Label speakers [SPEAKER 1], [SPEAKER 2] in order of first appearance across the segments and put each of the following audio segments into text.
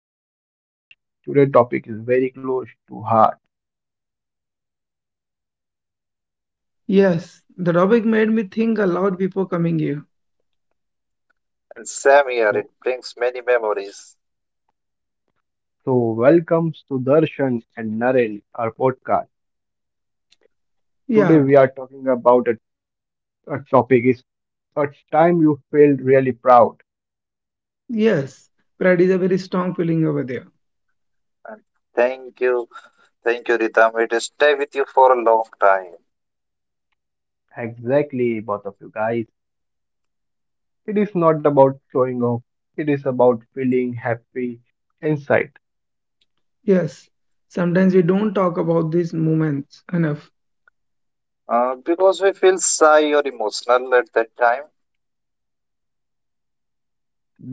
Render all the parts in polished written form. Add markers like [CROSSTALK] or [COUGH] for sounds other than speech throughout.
[SPEAKER 1] to our podcast. Today's topic is very close to heart.
[SPEAKER 2] Yes, the topic made me think a lot before coming here.
[SPEAKER 3] And same here. It
[SPEAKER 1] So,
[SPEAKER 3] brings many memories.
[SPEAKER 1] so welcome Sudarshan and Naren, our podcast. Today
[SPEAKER 2] Yeah,
[SPEAKER 1] we are talking about a topic is a time you felt really proud.
[SPEAKER 2] yes, pride is a very strong feeling over there.
[SPEAKER 3] And thank you, thank you, Ritam. It will stay with you for a long time.
[SPEAKER 1] Exactly, both of you guys. It is not about showing off. It is about feeling happy inside.
[SPEAKER 2] Yes, sometimes we don't talk about these moments enough.
[SPEAKER 3] Because we feel shy or emotional at that time.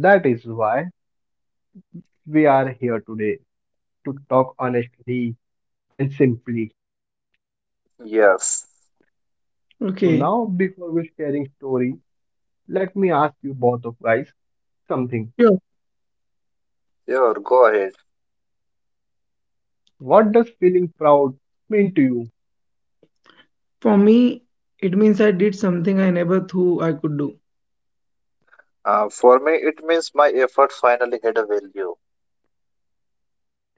[SPEAKER 1] That is why we are here today to talk honestly and simply.
[SPEAKER 3] Yes.
[SPEAKER 1] So
[SPEAKER 2] Okay,
[SPEAKER 1] now, before we sharing story, let me ask you both of guys something.
[SPEAKER 2] sure.
[SPEAKER 3] Sure, go ahead.
[SPEAKER 1] What does feeling proud mean to you?
[SPEAKER 2] For me, it means I did something I never thought I could do.
[SPEAKER 3] For me, it means my effort finally had a value.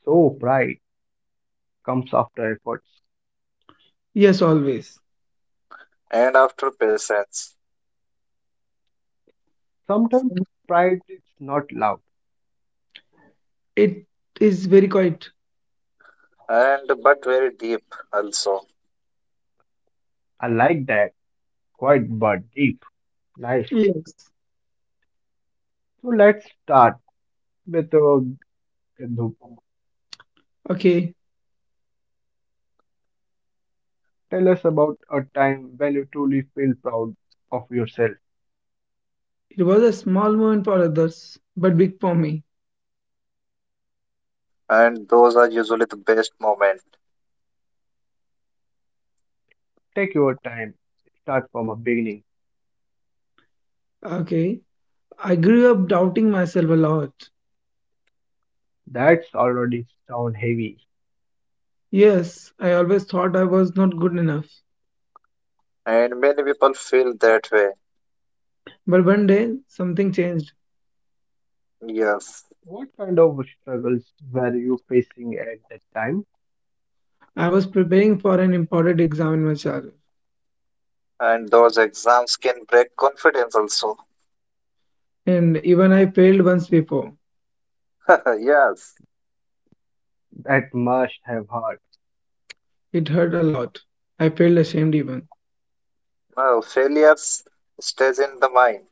[SPEAKER 1] So pride comes after efforts.
[SPEAKER 2] Yes, always.
[SPEAKER 3] And after patience.
[SPEAKER 1] Sometimes pride is not loud.
[SPEAKER 2] It is very quiet.
[SPEAKER 3] And but very deep also.
[SPEAKER 1] I like that. Quite but deep. Nice.
[SPEAKER 2] Yes.
[SPEAKER 1] So let's start with Gandhu.
[SPEAKER 2] Okay,
[SPEAKER 1] Tell us about a time when you truly feel proud of yourself.
[SPEAKER 2] it was a small moment for others, but big for me.
[SPEAKER 3] And those are usually the best moment.
[SPEAKER 1] Take your time. Start from a beginning.
[SPEAKER 2] Okay, I grew up doubting myself a lot.
[SPEAKER 1] That's already sound heavy.
[SPEAKER 2] Yes, I always thought I was not good enough.
[SPEAKER 3] And many people feel that way.
[SPEAKER 2] But one day, something changed.
[SPEAKER 3] Yes.
[SPEAKER 1] What kind of struggles were you facing at that time?
[SPEAKER 2] I was preparing for an important exam in my childhood,
[SPEAKER 3] And those exams can break confidence also.
[SPEAKER 2] and even I failed once before.
[SPEAKER 3] [LAUGHS] Yes.
[SPEAKER 1] That must have hurt.
[SPEAKER 2] It hurt a lot. I felt ashamed even.
[SPEAKER 3] No, failures stays in the mind.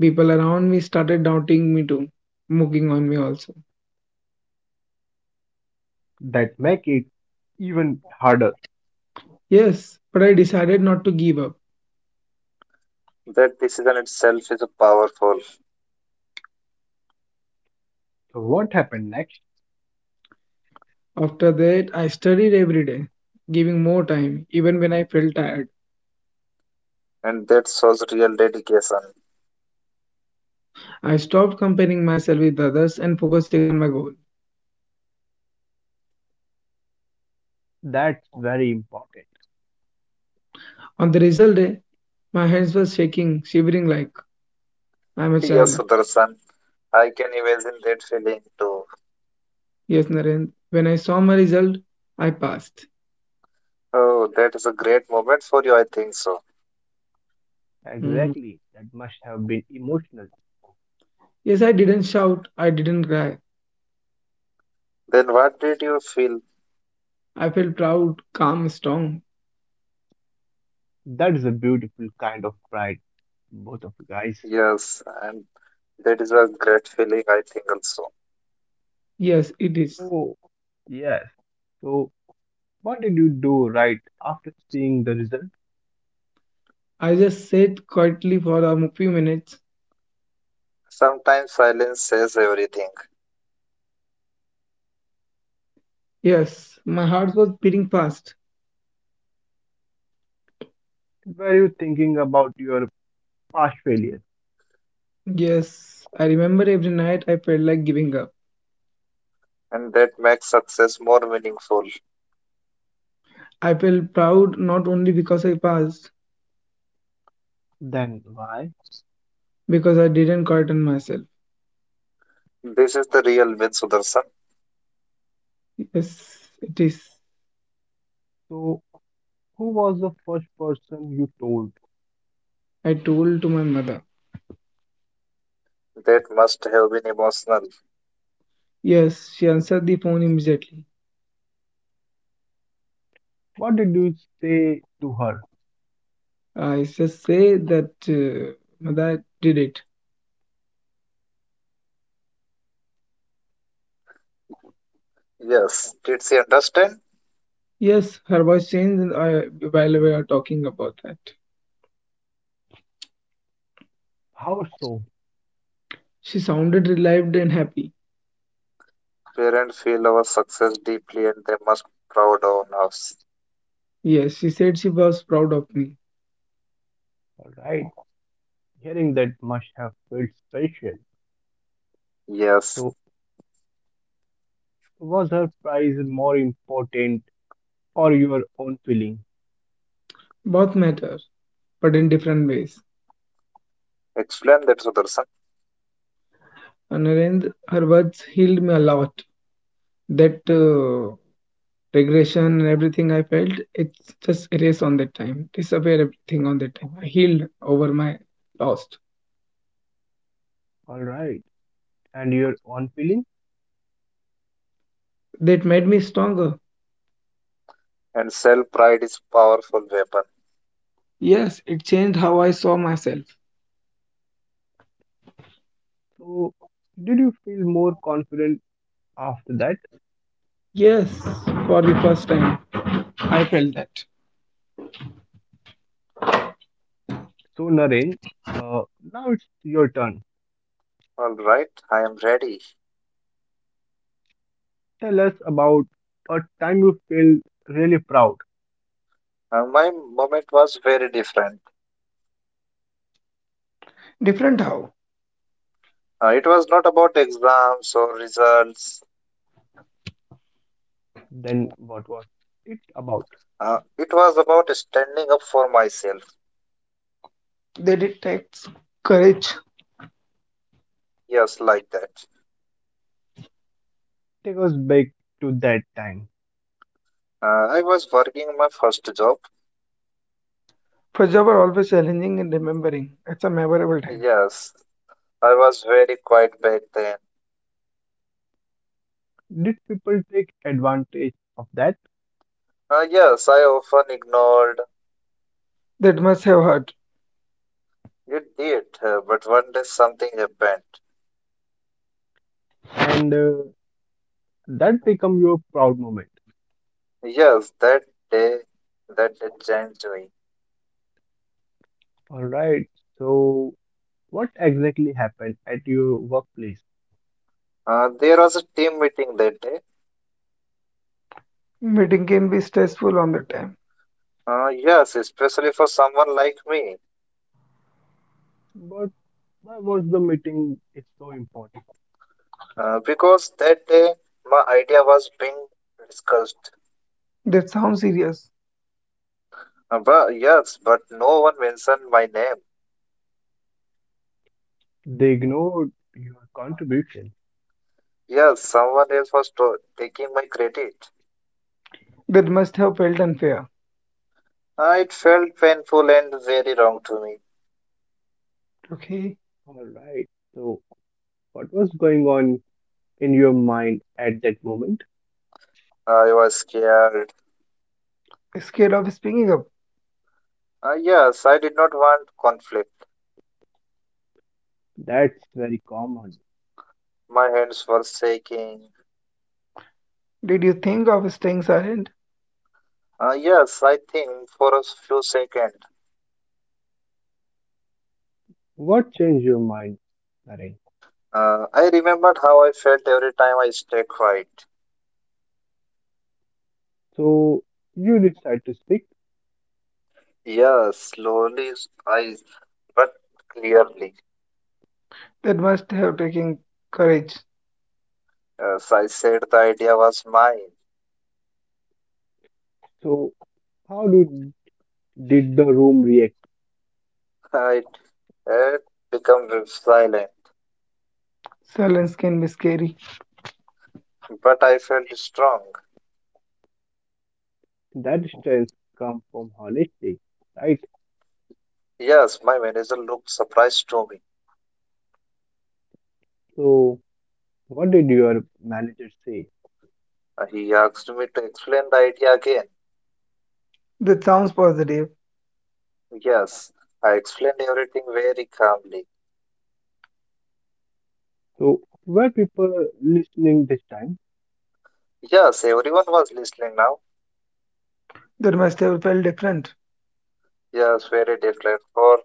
[SPEAKER 2] People around me started doubting me too, mocking on me also.
[SPEAKER 1] That make it even harder.
[SPEAKER 2] Yes, but I decided not to give up.
[SPEAKER 3] That decision itself is powerful,
[SPEAKER 1] So what happened next?
[SPEAKER 2] After that, I studied every day, giving more time, even when I felt tired.
[SPEAKER 3] and that shows real dedication.
[SPEAKER 2] I stopped comparing myself with others and focusing on my goal.
[SPEAKER 1] That's very important.
[SPEAKER 2] On the result day, my hands were shaking, shivering like I'm a
[SPEAKER 3] Yes,
[SPEAKER 2] child.
[SPEAKER 3] Sudarshan. I can imagine that feeling too.
[SPEAKER 2] Yes, Naren. When I saw my result, I passed.
[SPEAKER 3] Oh, that is a great moment for you, I think so.
[SPEAKER 2] Mm.
[SPEAKER 1] Exactly. That must have been emotional.
[SPEAKER 2] Yes, I didn't shout. I didn't cry.
[SPEAKER 3] Then what did you feel?
[SPEAKER 2] I felt proud, calm, strong.
[SPEAKER 1] That is a beautiful kind of pride, both of you guys.
[SPEAKER 3] Yes, and that is a great feeling, I think also.
[SPEAKER 2] Yes, it is.
[SPEAKER 1] So, yes. So what did you do right after seeing the result?
[SPEAKER 2] I just sat quietly for a few minutes.
[SPEAKER 3] Sometimes silence says everything,
[SPEAKER 2] Yes, my heart was beating fast.
[SPEAKER 1] Were you thinking about your past failures?
[SPEAKER 2] Yes, I remember every night I felt like giving up.
[SPEAKER 3] and that makes success more meaningful.
[SPEAKER 2] I felt proud not only because I passed,
[SPEAKER 1] Then why?
[SPEAKER 2] because I didn't quieten myself.
[SPEAKER 3] This is the real win, Sudarshan.
[SPEAKER 2] Yes, it is.
[SPEAKER 1] So who was the first person you told?
[SPEAKER 2] I told to my mother.
[SPEAKER 3] That must have been emotional.
[SPEAKER 2] Yes, she answered the phone immediately.
[SPEAKER 1] What did you say to her?
[SPEAKER 2] I just say that Mother did it.
[SPEAKER 3] Yes, did she understand?
[SPEAKER 2] Yes, her voice changed and I, while we were talking about that.
[SPEAKER 1] How so?
[SPEAKER 2] She sounded relieved and happy.
[SPEAKER 3] Parents feel our success deeply and they must proud on us.
[SPEAKER 2] Yes, she said she was proud of me.
[SPEAKER 1] All right. Hearing that must have felt special.
[SPEAKER 3] Yes,
[SPEAKER 1] So, was her prize more important or your own feeling?
[SPEAKER 2] Both matter, but in different ways.
[SPEAKER 3] explain that, Sudarshan.
[SPEAKER 2] And her, end, her words healed me a lot. That regression and everything I felt, it's just erased on that time. Disappear everything on that time. I healed over my lost.
[SPEAKER 1] Alright, and your own feeling?
[SPEAKER 2] That made me stronger.
[SPEAKER 3] And self pride is powerful weapon.
[SPEAKER 2] Yes, it changed how I saw myself.
[SPEAKER 1] So, did you feel more confident after that?
[SPEAKER 2] Yes, for the first time, I felt that.
[SPEAKER 1] So, Naren, uh, now it's your turn.
[SPEAKER 3] All right, I am ready.
[SPEAKER 1] Tell us about a time you feel really proud.
[SPEAKER 3] And my moment was very different.
[SPEAKER 2] Different how
[SPEAKER 3] It was not about exams or results.
[SPEAKER 1] Then, what was it about?
[SPEAKER 3] It was about standing up for myself.
[SPEAKER 2] they detect courage.
[SPEAKER 3] Mm, yes, like that.
[SPEAKER 1] Take us back to that time.
[SPEAKER 3] I was working my first job.
[SPEAKER 2] Punjab are always challenging in remembering. It's a memorable time.
[SPEAKER 3] Yes, I was very quiet back then.
[SPEAKER 1] Did people take advantage of that?
[SPEAKER 3] Yes, I often ignored.
[SPEAKER 2] That must have hurt.
[SPEAKER 3] You did, but one day something happened.
[SPEAKER 1] And that become your proud moment?
[SPEAKER 3] Yes, day, that day changed me.
[SPEAKER 1] All right. So, what exactly happened at your workplace?
[SPEAKER 3] There was a team meeting that day.
[SPEAKER 2] Meeting can be stressful on the time.
[SPEAKER 3] Yes, especially for someone like me.
[SPEAKER 1] But why was the meeting is so important?
[SPEAKER 3] Because that day my idea was being discussed.
[SPEAKER 2] That sounds serious.
[SPEAKER 3] But yes, but no one mentioned my name.
[SPEAKER 1] They ignored your contribution.
[SPEAKER 3] Yes, someone else was taking my credit.
[SPEAKER 2] That must have felt unfair.
[SPEAKER 3] It felt painful and very wrong to me.
[SPEAKER 2] Okay.
[SPEAKER 1] All right. So, what was going on in your mind at that moment?
[SPEAKER 3] I was scared.
[SPEAKER 2] Scared of speaking up.
[SPEAKER 3] Yes, I did not want conflict.
[SPEAKER 1] That's very common.
[SPEAKER 3] My hands were shaking.
[SPEAKER 2] Did you think of staying silent?
[SPEAKER 3] Yes, I think for a few seconds.
[SPEAKER 1] What changed your mind, Naren?
[SPEAKER 3] I remembered how I felt every time I stayed quiet.
[SPEAKER 1] So, you decide to speak.
[SPEAKER 3] Yes, slowly, I, but clearly.
[SPEAKER 2] That must have taken courage.
[SPEAKER 3] Yes, I said the idea was mine.
[SPEAKER 1] So, how did the room react?
[SPEAKER 3] [LAUGHS] I had become silent,
[SPEAKER 2] Silence can be scary.
[SPEAKER 3] but I felt strong.
[SPEAKER 1] That strength come from honesty, right?
[SPEAKER 3] Yes, my manager looked surprised to me.
[SPEAKER 1] So, what did your manager say?
[SPEAKER 3] He asked me to explain the idea again.
[SPEAKER 2] That sounds positive.
[SPEAKER 3] Yes, I explained everything very calmly.
[SPEAKER 1] So, were people listening this time?
[SPEAKER 3] Yes, everyone was listening now.
[SPEAKER 2] That must have felt different.
[SPEAKER 3] Yes, very different. For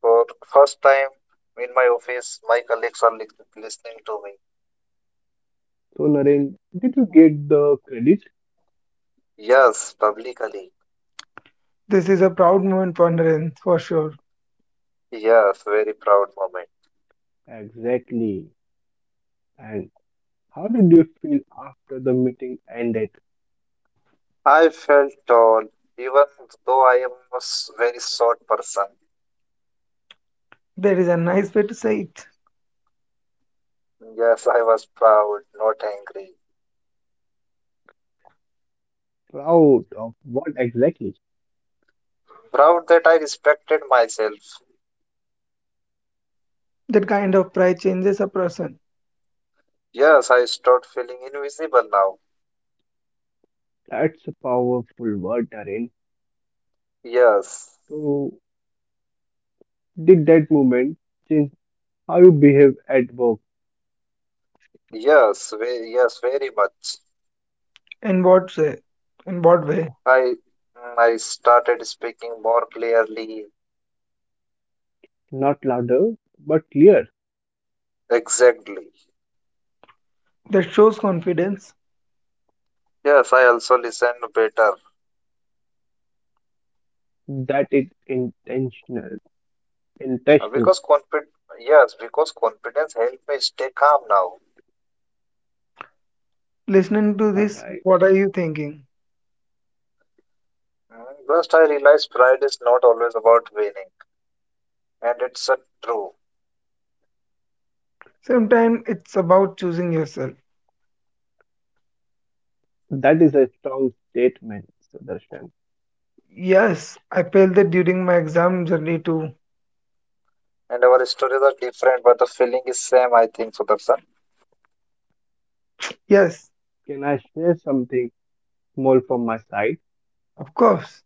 [SPEAKER 3] for first time in my office, my colleagues are listening to me.
[SPEAKER 1] So, Naren, did you get the credit?
[SPEAKER 3] Yes, publicly.
[SPEAKER 2] This is a proud moment for Narendra, for sure.
[SPEAKER 3] Yes, very proud moment.
[SPEAKER 1] Exactly. And how did you feel after the meeting ended?
[SPEAKER 3] I felt tall, even though I am a very short person.
[SPEAKER 2] There is a nice way to say it.
[SPEAKER 3] Yes, I was proud, not angry.
[SPEAKER 1] Proud of what exactly?
[SPEAKER 3] Proud that I respected myself.
[SPEAKER 2] That kind of pride changes a person.
[SPEAKER 3] Yes, I start feeling invisible now.
[SPEAKER 1] That's a powerful word, Naren.
[SPEAKER 3] Yes,
[SPEAKER 1] So, did that moment change how you behave at work?
[SPEAKER 3] yes, ve yes, very much.
[SPEAKER 2] In what way? In what way?
[SPEAKER 3] I I started speaking more clearly.
[SPEAKER 1] Not louder, but clear.
[SPEAKER 3] Exactly.
[SPEAKER 2] That shows confidence.
[SPEAKER 3] Yes, I also listen better.
[SPEAKER 1] That is intentional. Interesting.
[SPEAKER 3] Because confid. Yes, because confidence helped me stay calm now.
[SPEAKER 2] Listening to
[SPEAKER 1] All
[SPEAKER 2] this,
[SPEAKER 1] right.
[SPEAKER 2] what are you thinking?
[SPEAKER 3] Just I realized pride is not always about winning, and it's a true.
[SPEAKER 2] Sometimes it's about choosing yourself.
[SPEAKER 1] That is a strong statement, Sudarshan.
[SPEAKER 2] Yes, I failed that during my exam journey too.
[SPEAKER 3] And our stories are different, but the feeling is same. I think, Sudarshan.
[SPEAKER 2] Yes,
[SPEAKER 1] Can I share something small from my side?
[SPEAKER 2] of course.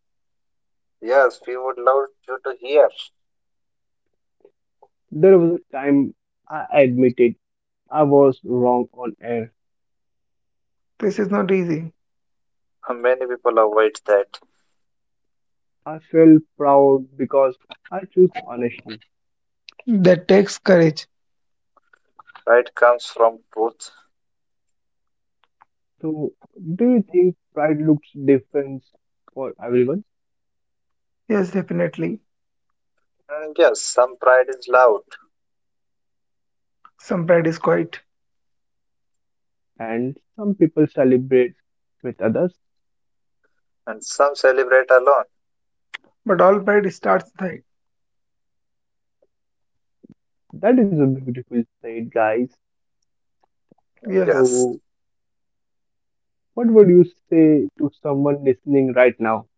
[SPEAKER 3] Yes, we would love you to hear.
[SPEAKER 1] There was a time I admitted I was wrong on air.
[SPEAKER 2] This is not easy.
[SPEAKER 3] Many people avoid that.
[SPEAKER 1] I felt proud because I chose honestly.
[SPEAKER 2] That takes courage.
[SPEAKER 3] Pride comes from truth.
[SPEAKER 1] So, do you think pride looks different for everyone?
[SPEAKER 2] Yes, definitely.
[SPEAKER 3] Mm, yes, some pride is loud,
[SPEAKER 2] Some pride is quiet,
[SPEAKER 1] And some people celebrate with others?
[SPEAKER 3] and some celebrate alone.
[SPEAKER 2] but all pride starts there.
[SPEAKER 1] That is a beautiful side, guys.
[SPEAKER 3] Mm,
[SPEAKER 2] Yes,
[SPEAKER 3] yes.
[SPEAKER 1] So, what would you say to someone listening right now?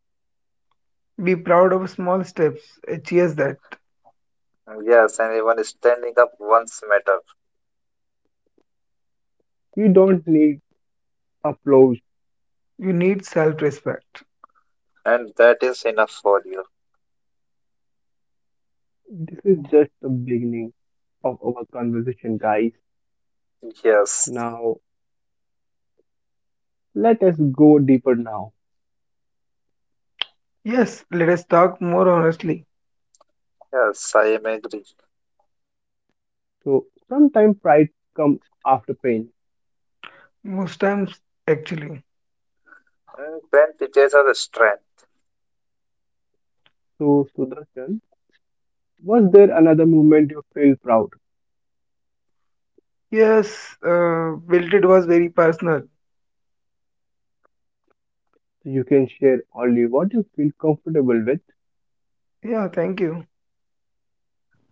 [SPEAKER 2] be proud of small steps. Cheers that.
[SPEAKER 3] Mm, yes, and even standing up once matter.
[SPEAKER 1] You don't need applause.
[SPEAKER 2] You need self respect.
[SPEAKER 3] And that is enough for you.
[SPEAKER 1] This is just the beginning of our conversation, guys.
[SPEAKER 3] Yes,
[SPEAKER 1] Now, let us go deeper now.
[SPEAKER 2] Yes, let us talk more honestly.
[SPEAKER 3] yes, I am agree.
[SPEAKER 1] So, sometimes pride comes after pain.
[SPEAKER 2] Most times, actually.
[SPEAKER 3] When teachers are the strength.
[SPEAKER 1] So, Sudarshan, was there another moment you feel proud?
[SPEAKER 2] Yes, built it was very personal.
[SPEAKER 1] So, you can share only what you feel comfortable with.
[SPEAKER 2] Yeah, thank you.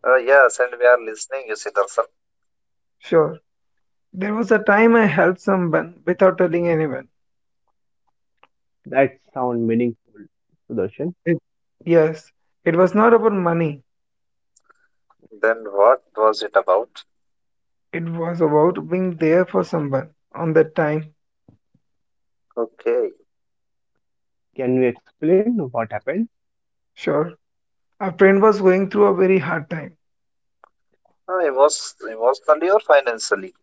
[SPEAKER 3] Yes, and we are listening, you see, Darshan.
[SPEAKER 2] Sure. There was a time I helped someone without telling anyone.
[SPEAKER 1] That sound meaningful. Sudarshan,
[SPEAKER 2] It, yes, it was not about money.
[SPEAKER 3] Then what was it about?
[SPEAKER 2] It was about being there for someone on that time.
[SPEAKER 3] Okay.
[SPEAKER 1] can you explain what happened?
[SPEAKER 2] Sure. A friend was going through a very hard time.
[SPEAKER 3] Emotionally or financially?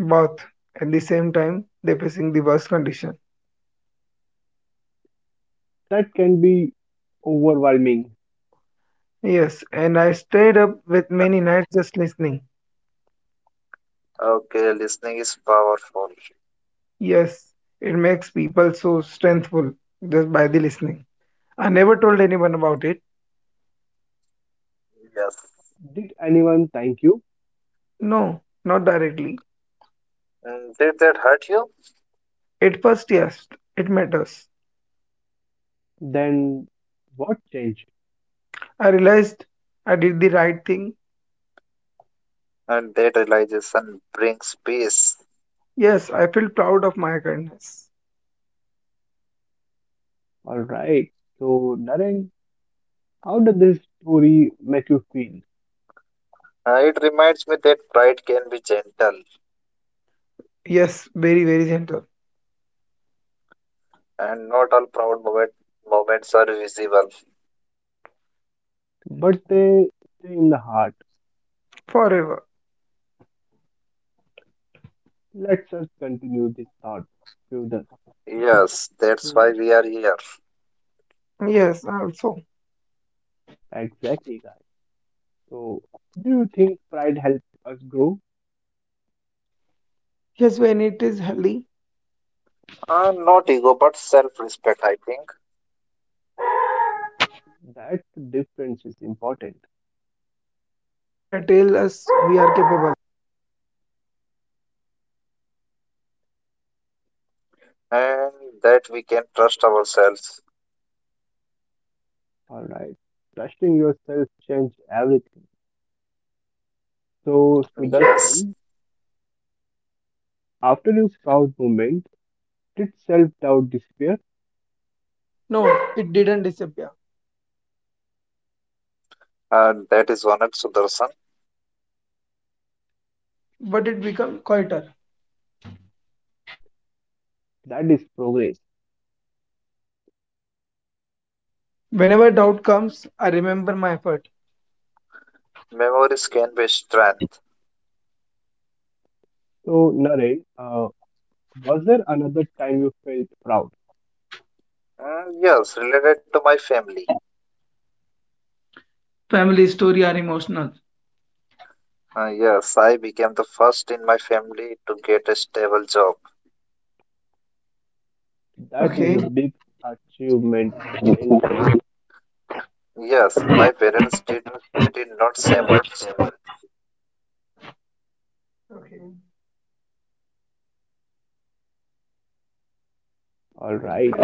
[SPEAKER 2] Both at the same time, they facing the worst condition.
[SPEAKER 1] That can be overwhelming.
[SPEAKER 2] Yes, and I stayed up with many nights just listening.
[SPEAKER 3] Okay, listening is powerful.
[SPEAKER 2] Yes, it makes people so strengthful just by the listening. I never told anyone about it.
[SPEAKER 3] Yes.
[SPEAKER 1] Did anyone thank you?
[SPEAKER 2] No, not directly.
[SPEAKER 3] Did that hurt you?
[SPEAKER 2] At first, yes, it matters.
[SPEAKER 1] Then what changed?
[SPEAKER 2] I realized I did the right thing.
[SPEAKER 3] And that realization brings peace.
[SPEAKER 2] Yes, I feel proud of my kindness.
[SPEAKER 1] All right. So, Naren, how did this story make you feel?
[SPEAKER 3] It reminds me that pride can be gentle,
[SPEAKER 2] Yes, very, very gentle.
[SPEAKER 3] and not all proud moments are visible.
[SPEAKER 1] But they stay in the heart.
[SPEAKER 2] Forever.
[SPEAKER 1] Let's us continue this thought further.
[SPEAKER 3] Yes, that's why
[SPEAKER 1] So,
[SPEAKER 3] we are here.
[SPEAKER 2] Yes, also.
[SPEAKER 1] exactly, guys. So, do you think pride helps us grow?
[SPEAKER 2] Yes, when it is healthy,
[SPEAKER 3] Not ego, but self respect, I think,
[SPEAKER 1] That difference is important.
[SPEAKER 2] that tells us we are capable.
[SPEAKER 3] and that we can trust ourselves.
[SPEAKER 1] All right. Trusting yourself changes everything. So,
[SPEAKER 3] Yes,
[SPEAKER 1] Sudarshan, after your proud moment, did self doubt disappear?
[SPEAKER 2] No, it didn't disappear,
[SPEAKER 3] and that is honored, Sudarshan.
[SPEAKER 2] but it became quieter.
[SPEAKER 1] That is progress.
[SPEAKER 2] Whenever doubt comes, I remember my effort.
[SPEAKER 3] Memories can be strength.
[SPEAKER 1] So, Naren, was there another time you felt proud?
[SPEAKER 3] Mm, yes, related to my family.
[SPEAKER 2] Family story are emotional.
[SPEAKER 3] Yes, I became the first in my family to get a stable job.
[SPEAKER 1] That is a
[SPEAKER 2] Okay.
[SPEAKER 1] big achievement, Naren.
[SPEAKER 3] Yes, my parents did not say much.
[SPEAKER 1] All right.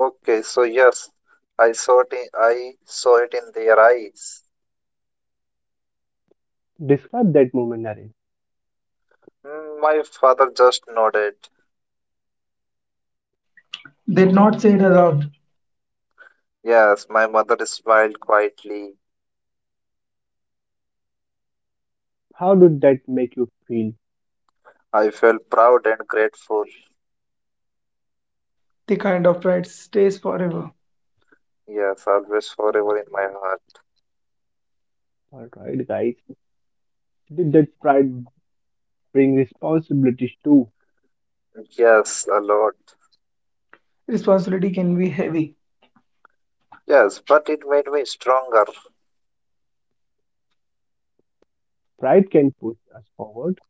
[SPEAKER 3] Okay, so yes, I saw it. I saw it in their eyes.
[SPEAKER 1] Describe that moment, Naren.
[SPEAKER 3] My father just nodded.
[SPEAKER 2] They did not say it aloud.
[SPEAKER 3] Yes, my mother smiled quietly.
[SPEAKER 1] How did that make you feel?
[SPEAKER 3] I felt proud and grateful.
[SPEAKER 2] The kind of pride stays forever.
[SPEAKER 3] Yes, always forever in my
[SPEAKER 1] Alright,
[SPEAKER 3] heart.
[SPEAKER 1] alright, guys. Did that pride bring responsibilities too?
[SPEAKER 3] Yes, a lot.
[SPEAKER 2] Responsibility can be heavy
[SPEAKER 3] Yes, but it made me stronger.
[SPEAKER 1] Pride can push us forward.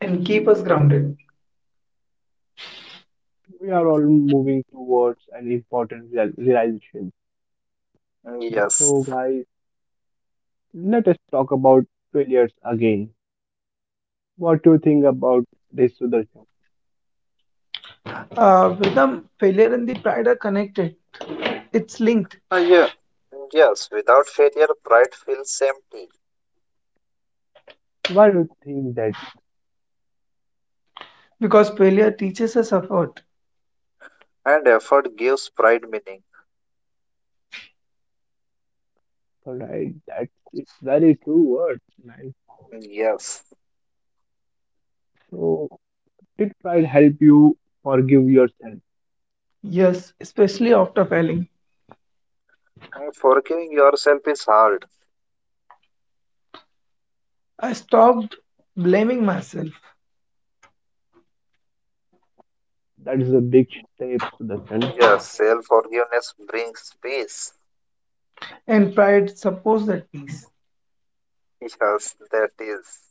[SPEAKER 2] and keep us grounded.
[SPEAKER 1] We are all moving towards an important realization.
[SPEAKER 3] Yes.
[SPEAKER 1] So, guys, let us talk about failures again. What do you think about this, Sudarshan?
[SPEAKER 2] Vedam, failure and the pride are connected. It's linked
[SPEAKER 3] Yeah. Yes, without failure, pride feels empty,
[SPEAKER 1] Why do you think that?
[SPEAKER 2] because failure teaches us effort.
[SPEAKER 3] and effort gives pride meaning.
[SPEAKER 1] Alright, that's it's very true words, man.
[SPEAKER 3] Yes.
[SPEAKER 1] So, did pride help you forgive yourself?
[SPEAKER 2] Yes, especially after failing.
[SPEAKER 3] Forgiving yourself is hard.
[SPEAKER 2] I stopped blaming myself
[SPEAKER 1] That is a big step, Sudarshan.
[SPEAKER 3] Yes, self forgiveness brings peace.
[SPEAKER 2] and pride supports that peace.
[SPEAKER 3] Yes, that is.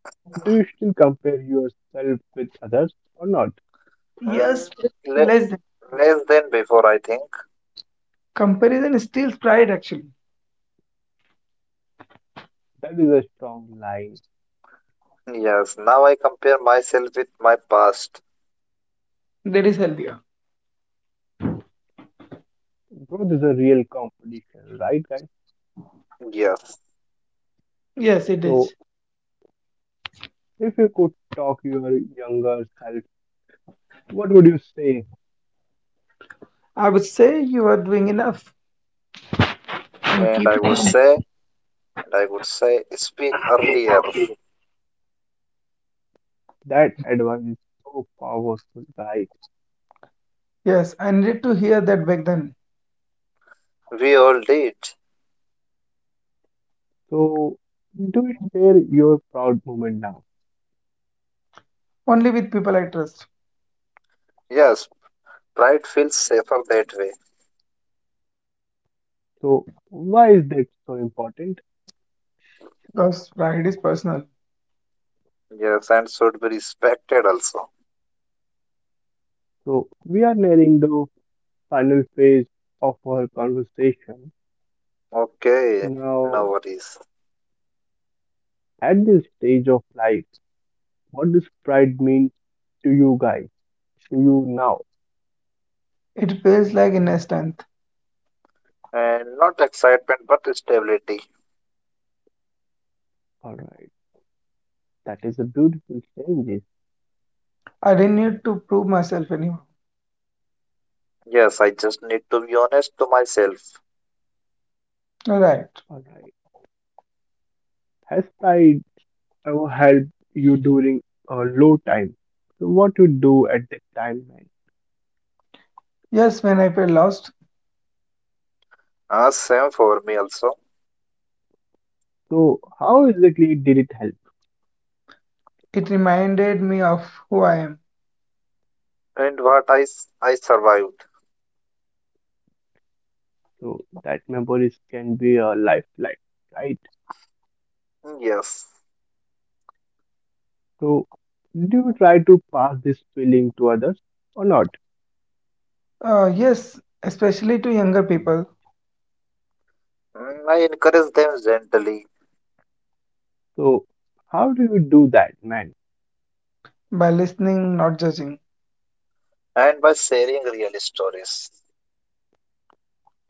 [SPEAKER 1] Do you still compare yourself with others or not?
[SPEAKER 3] Mm,
[SPEAKER 2] Yes, but less than.
[SPEAKER 3] Less than before, I think.
[SPEAKER 2] Comparison steals pride actually.
[SPEAKER 1] That is a strong line.
[SPEAKER 3] Yes, now I compare myself with my past.
[SPEAKER 2] That is healthier.
[SPEAKER 1] Growth is a real competition, right, guys?
[SPEAKER 3] Yes,
[SPEAKER 2] Yes, it
[SPEAKER 1] So,
[SPEAKER 2] is.
[SPEAKER 1] if you could talk your younger self, what would you say?
[SPEAKER 2] I would say you are doing enough and
[SPEAKER 3] and
[SPEAKER 2] keep.
[SPEAKER 3] I would say, and I would say, speak earlier.
[SPEAKER 1] That advice is so powerful, guys.
[SPEAKER 2] Yes, I needed to hear that back then.
[SPEAKER 3] We all did.
[SPEAKER 1] So, do share your proud moment now.
[SPEAKER 2] Only with people I trust.
[SPEAKER 3] Yes, pride feels safer that way.
[SPEAKER 1] So, why is that so important?
[SPEAKER 2] Because pride is personal.
[SPEAKER 3] Yes, and should be respected also.
[SPEAKER 1] So, we are nearing the final phase of our conversation.
[SPEAKER 3] Okay, no
[SPEAKER 1] Now,
[SPEAKER 3] worries.
[SPEAKER 1] at this stage of life, what does pride mean to you guys, to you now?
[SPEAKER 2] It feels like inner strength.
[SPEAKER 3] And not excitement, but stability.
[SPEAKER 1] All right, that is a beautiful changes.
[SPEAKER 2] I didn't need to prove myself anymore.
[SPEAKER 3] Yes, I just need to be honest to myself.
[SPEAKER 2] Right.
[SPEAKER 1] All right, has pride ever helped you during a low time? So what you do at that time, man?
[SPEAKER 2] Yes, when I felt lost,
[SPEAKER 3] Ah, same for me also.
[SPEAKER 1] So how exactly did it help?
[SPEAKER 2] it reminded me of who I am.
[SPEAKER 3] And what I survived.
[SPEAKER 1] So that memories can be a lifeline, right?
[SPEAKER 3] Yes.
[SPEAKER 1] So do you try to pass this feeling to others or not?
[SPEAKER 2] Yes, especially to younger people,
[SPEAKER 3] I encourage them gently,
[SPEAKER 1] So how do you do that, man?
[SPEAKER 2] by listening, not judging.
[SPEAKER 3] and by sharing real stories.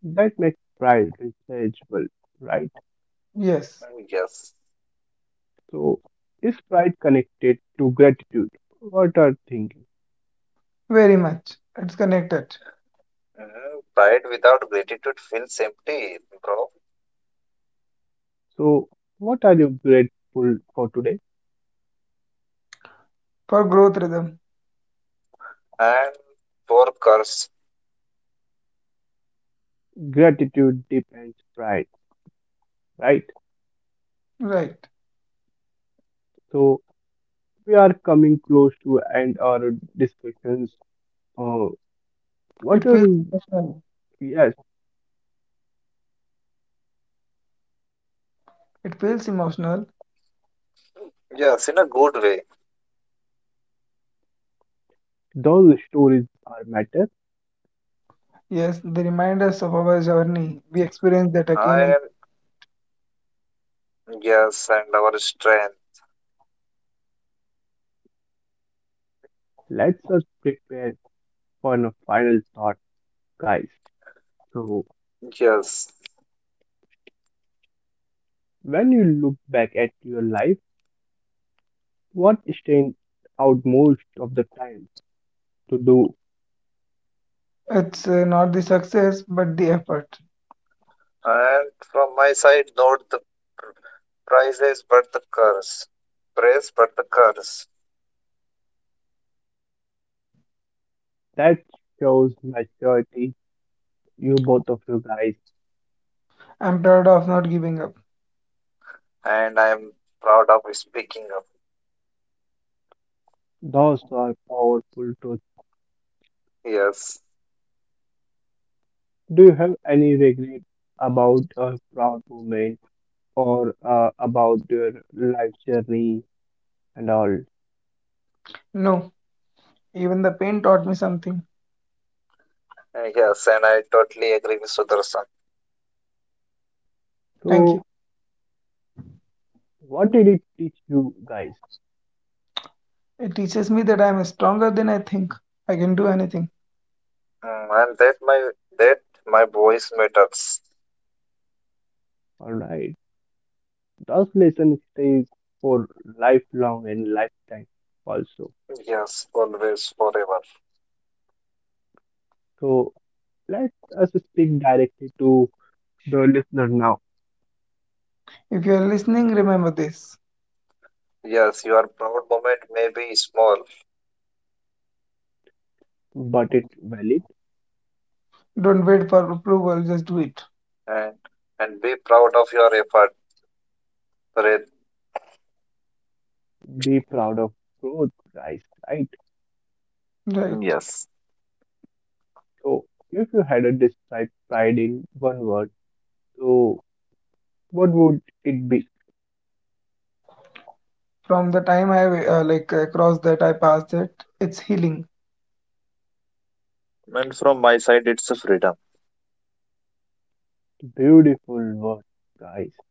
[SPEAKER 1] That makes pride researchable, right?
[SPEAKER 2] Yes,
[SPEAKER 3] Mm, yes.
[SPEAKER 1] So, is pride connected to gratitude? What are thinking?
[SPEAKER 2] very much. It's connected.
[SPEAKER 3] Pride without gratitude feels empty, bro.
[SPEAKER 1] So, what are you grateful for today?
[SPEAKER 2] For growth rhythm.
[SPEAKER 3] And for curse.
[SPEAKER 1] Gratitude depends pride, right?
[SPEAKER 2] Right.
[SPEAKER 1] So, we are coming close to end our discussions. Uh,
[SPEAKER 2] It
[SPEAKER 1] what are
[SPEAKER 2] feels
[SPEAKER 1] you?
[SPEAKER 2] emotional.
[SPEAKER 1] Yes,
[SPEAKER 2] It feels emotional.
[SPEAKER 3] Yes, in a good way.
[SPEAKER 1] those stories are matter.
[SPEAKER 2] Yes, they remind us of our journey. We experience that again, and
[SPEAKER 3] And yes, and our strength.
[SPEAKER 1] Let's us prepare on a final thought, guys. So,
[SPEAKER 3] Yes.
[SPEAKER 1] when you look back at your life, what stands out most of the time to do?
[SPEAKER 2] it's not the success, but the effort.
[SPEAKER 3] And from my side, not the pr- prizes, but the curse. Praise, but the curse.
[SPEAKER 1] That shows maturity, you both of you guys.
[SPEAKER 2] I'm proud of not giving up.
[SPEAKER 3] And I am proud of speaking up.
[SPEAKER 1] Those are powerful truths.
[SPEAKER 3] Yes.
[SPEAKER 1] Do you have any regret about a proud moment or about your life journey and all?
[SPEAKER 2] No, even the pain taught me something.
[SPEAKER 3] Yes, and I totally agree with Sudarshan.
[SPEAKER 2] Thank you.
[SPEAKER 1] So, what did it teach you guys?
[SPEAKER 2] It teaches me that I'm stronger than I think. I can do anything.
[SPEAKER 3] And that my voice matters.
[SPEAKER 1] All right. Those lessons stays for lifelong and lifetime also.
[SPEAKER 3] Yes, always, forever.
[SPEAKER 1] So let us speak directly to the listener now.
[SPEAKER 2] If you're listening, remember this.
[SPEAKER 3] Yes, your proud moment may be small,
[SPEAKER 1] But it valid.
[SPEAKER 2] Don't wait for approval, just do it.
[SPEAKER 3] and and be proud of your effort, Preet.
[SPEAKER 1] Be proud of growth, guys. Right.
[SPEAKER 2] Right.
[SPEAKER 3] Yes.
[SPEAKER 1] So if you had a describe pride in one word, so what would it be?
[SPEAKER 2] From the time I like crossed that, I passed it. It's healing.
[SPEAKER 3] And from my side, it's a freedom,
[SPEAKER 1] Beautiful word, guys.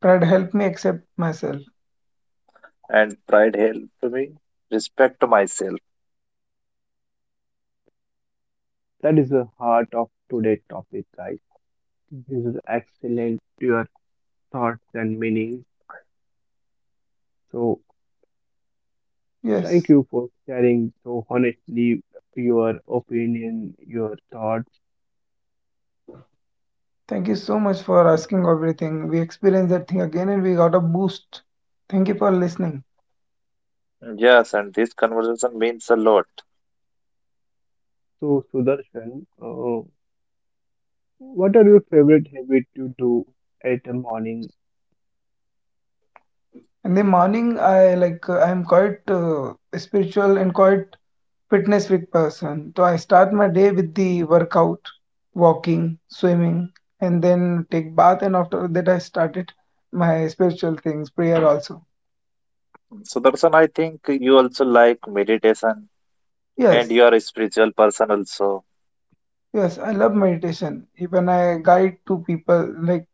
[SPEAKER 2] Pride helped me accept myself.
[SPEAKER 3] and pride helped me respect myself.
[SPEAKER 1] That is the heart of today's topic, guys. This is excellent. Your thoughts and meanings. So thank
[SPEAKER 2] Yes.
[SPEAKER 1] you for sharing so honestly your opinion, your thoughts.
[SPEAKER 2] Thank you so much for asking everything. We experienced that thing again and we got a boost. Thank you for listening.
[SPEAKER 3] Yes, and this conversation means a lot.
[SPEAKER 1] So, Sudarshan, what are your favorite habits to do at the morning?
[SPEAKER 2] In the morning, I like I'm quite spiritual and quite fitness freak person. So I start my day with the workout, walking, swimming, and then take bath. And after that, I started my spiritual things, prayer also.
[SPEAKER 3] Sudarshan, I think you also like meditation, and you
[SPEAKER 2] Yes,
[SPEAKER 3] are a spiritual person also.
[SPEAKER 2] yes, I love meditation. Even I guide 2 people, like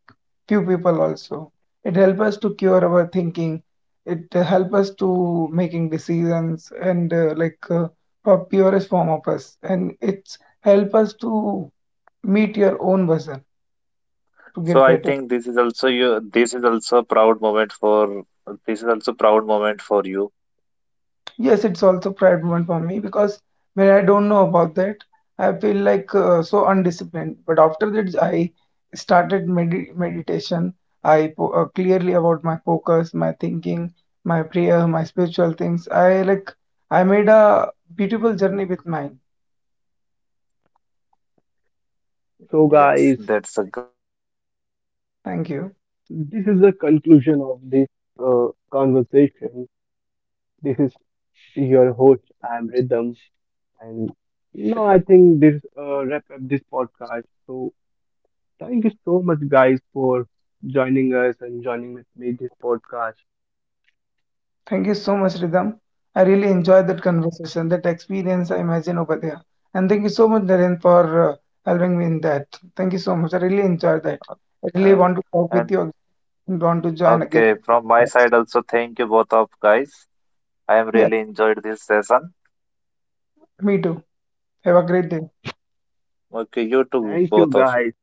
[SPEAKER 2] few people also. It helps us to cure our thinking. It helps us to making decisions and like for purest form of us. And it's help us to meet your own version to
[SPEAKER 3] So
[SPEAKER 2] get
[SPEAKER 3] I
[SPEAKER 2] better.
[SPEAKER 3] think this is also you. This is also a proud moment for. This is also proud moment for you.
[SPEAKER 2] Yes, it's also pride moment for me because when I don't know about that, I feel like so undisciplined. But after that, I started meditation. I po clearly about my focus, my thinking, my prayer, my spiritual things. I like I made a beautiful journey with mine.
[SPEAKER 1] So,
[SPEAKER 3] Yes,
[SPEAKER 1] guys,
[SPEAKER 3] that's a great moment.
[SPEAKER 2] Thank you.
[SPEAKER 1] this is the conclusion of this conversation. This is
[SPEAKER 3] Okay,
[SPEAKER 1] your host,
[SPEAKER 3] to
[SPEAKER 1] I am
[SPEAKER 3] you, Ridham.
[SPEAKER 1] Rhythm, and now I think this wrap up this podcast. So, thank you so much, guys, for joining us and joining with me this podcast.
[SPEAKER 2] Thank you so much, Ridham. I really enjoyed that conversation, that experience I imagine over there. And thank you so much, Naren, for uh, helping me in that. Thank you so much. I really enjoyed that. I really
[SPEAKER 3] And
[SPEAKER 2] want to talk with
[SPEAKER 3] and
[SPEAKER 2] you and want to join again.
[SPEAKER 3] okay, from my side also, thank you both of guys. I am
[SPEAKER 2] Yeah,
[SPEAKER 3] really enjoyed this session.
[SPEAKER 2] me too. Have a great day.
[SPEAKER 3] Okay, you too,
[SPEAKER 1] Thank you,
[SPEAKER 3] both of you.
[SPEAKER 1] guys.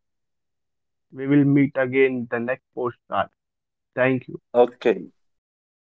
[SPEAKER 1] We will meet again in the next postcard. Thank you.
[SPEAKER 3] Okay.
[SPEAKER 2] Yeah.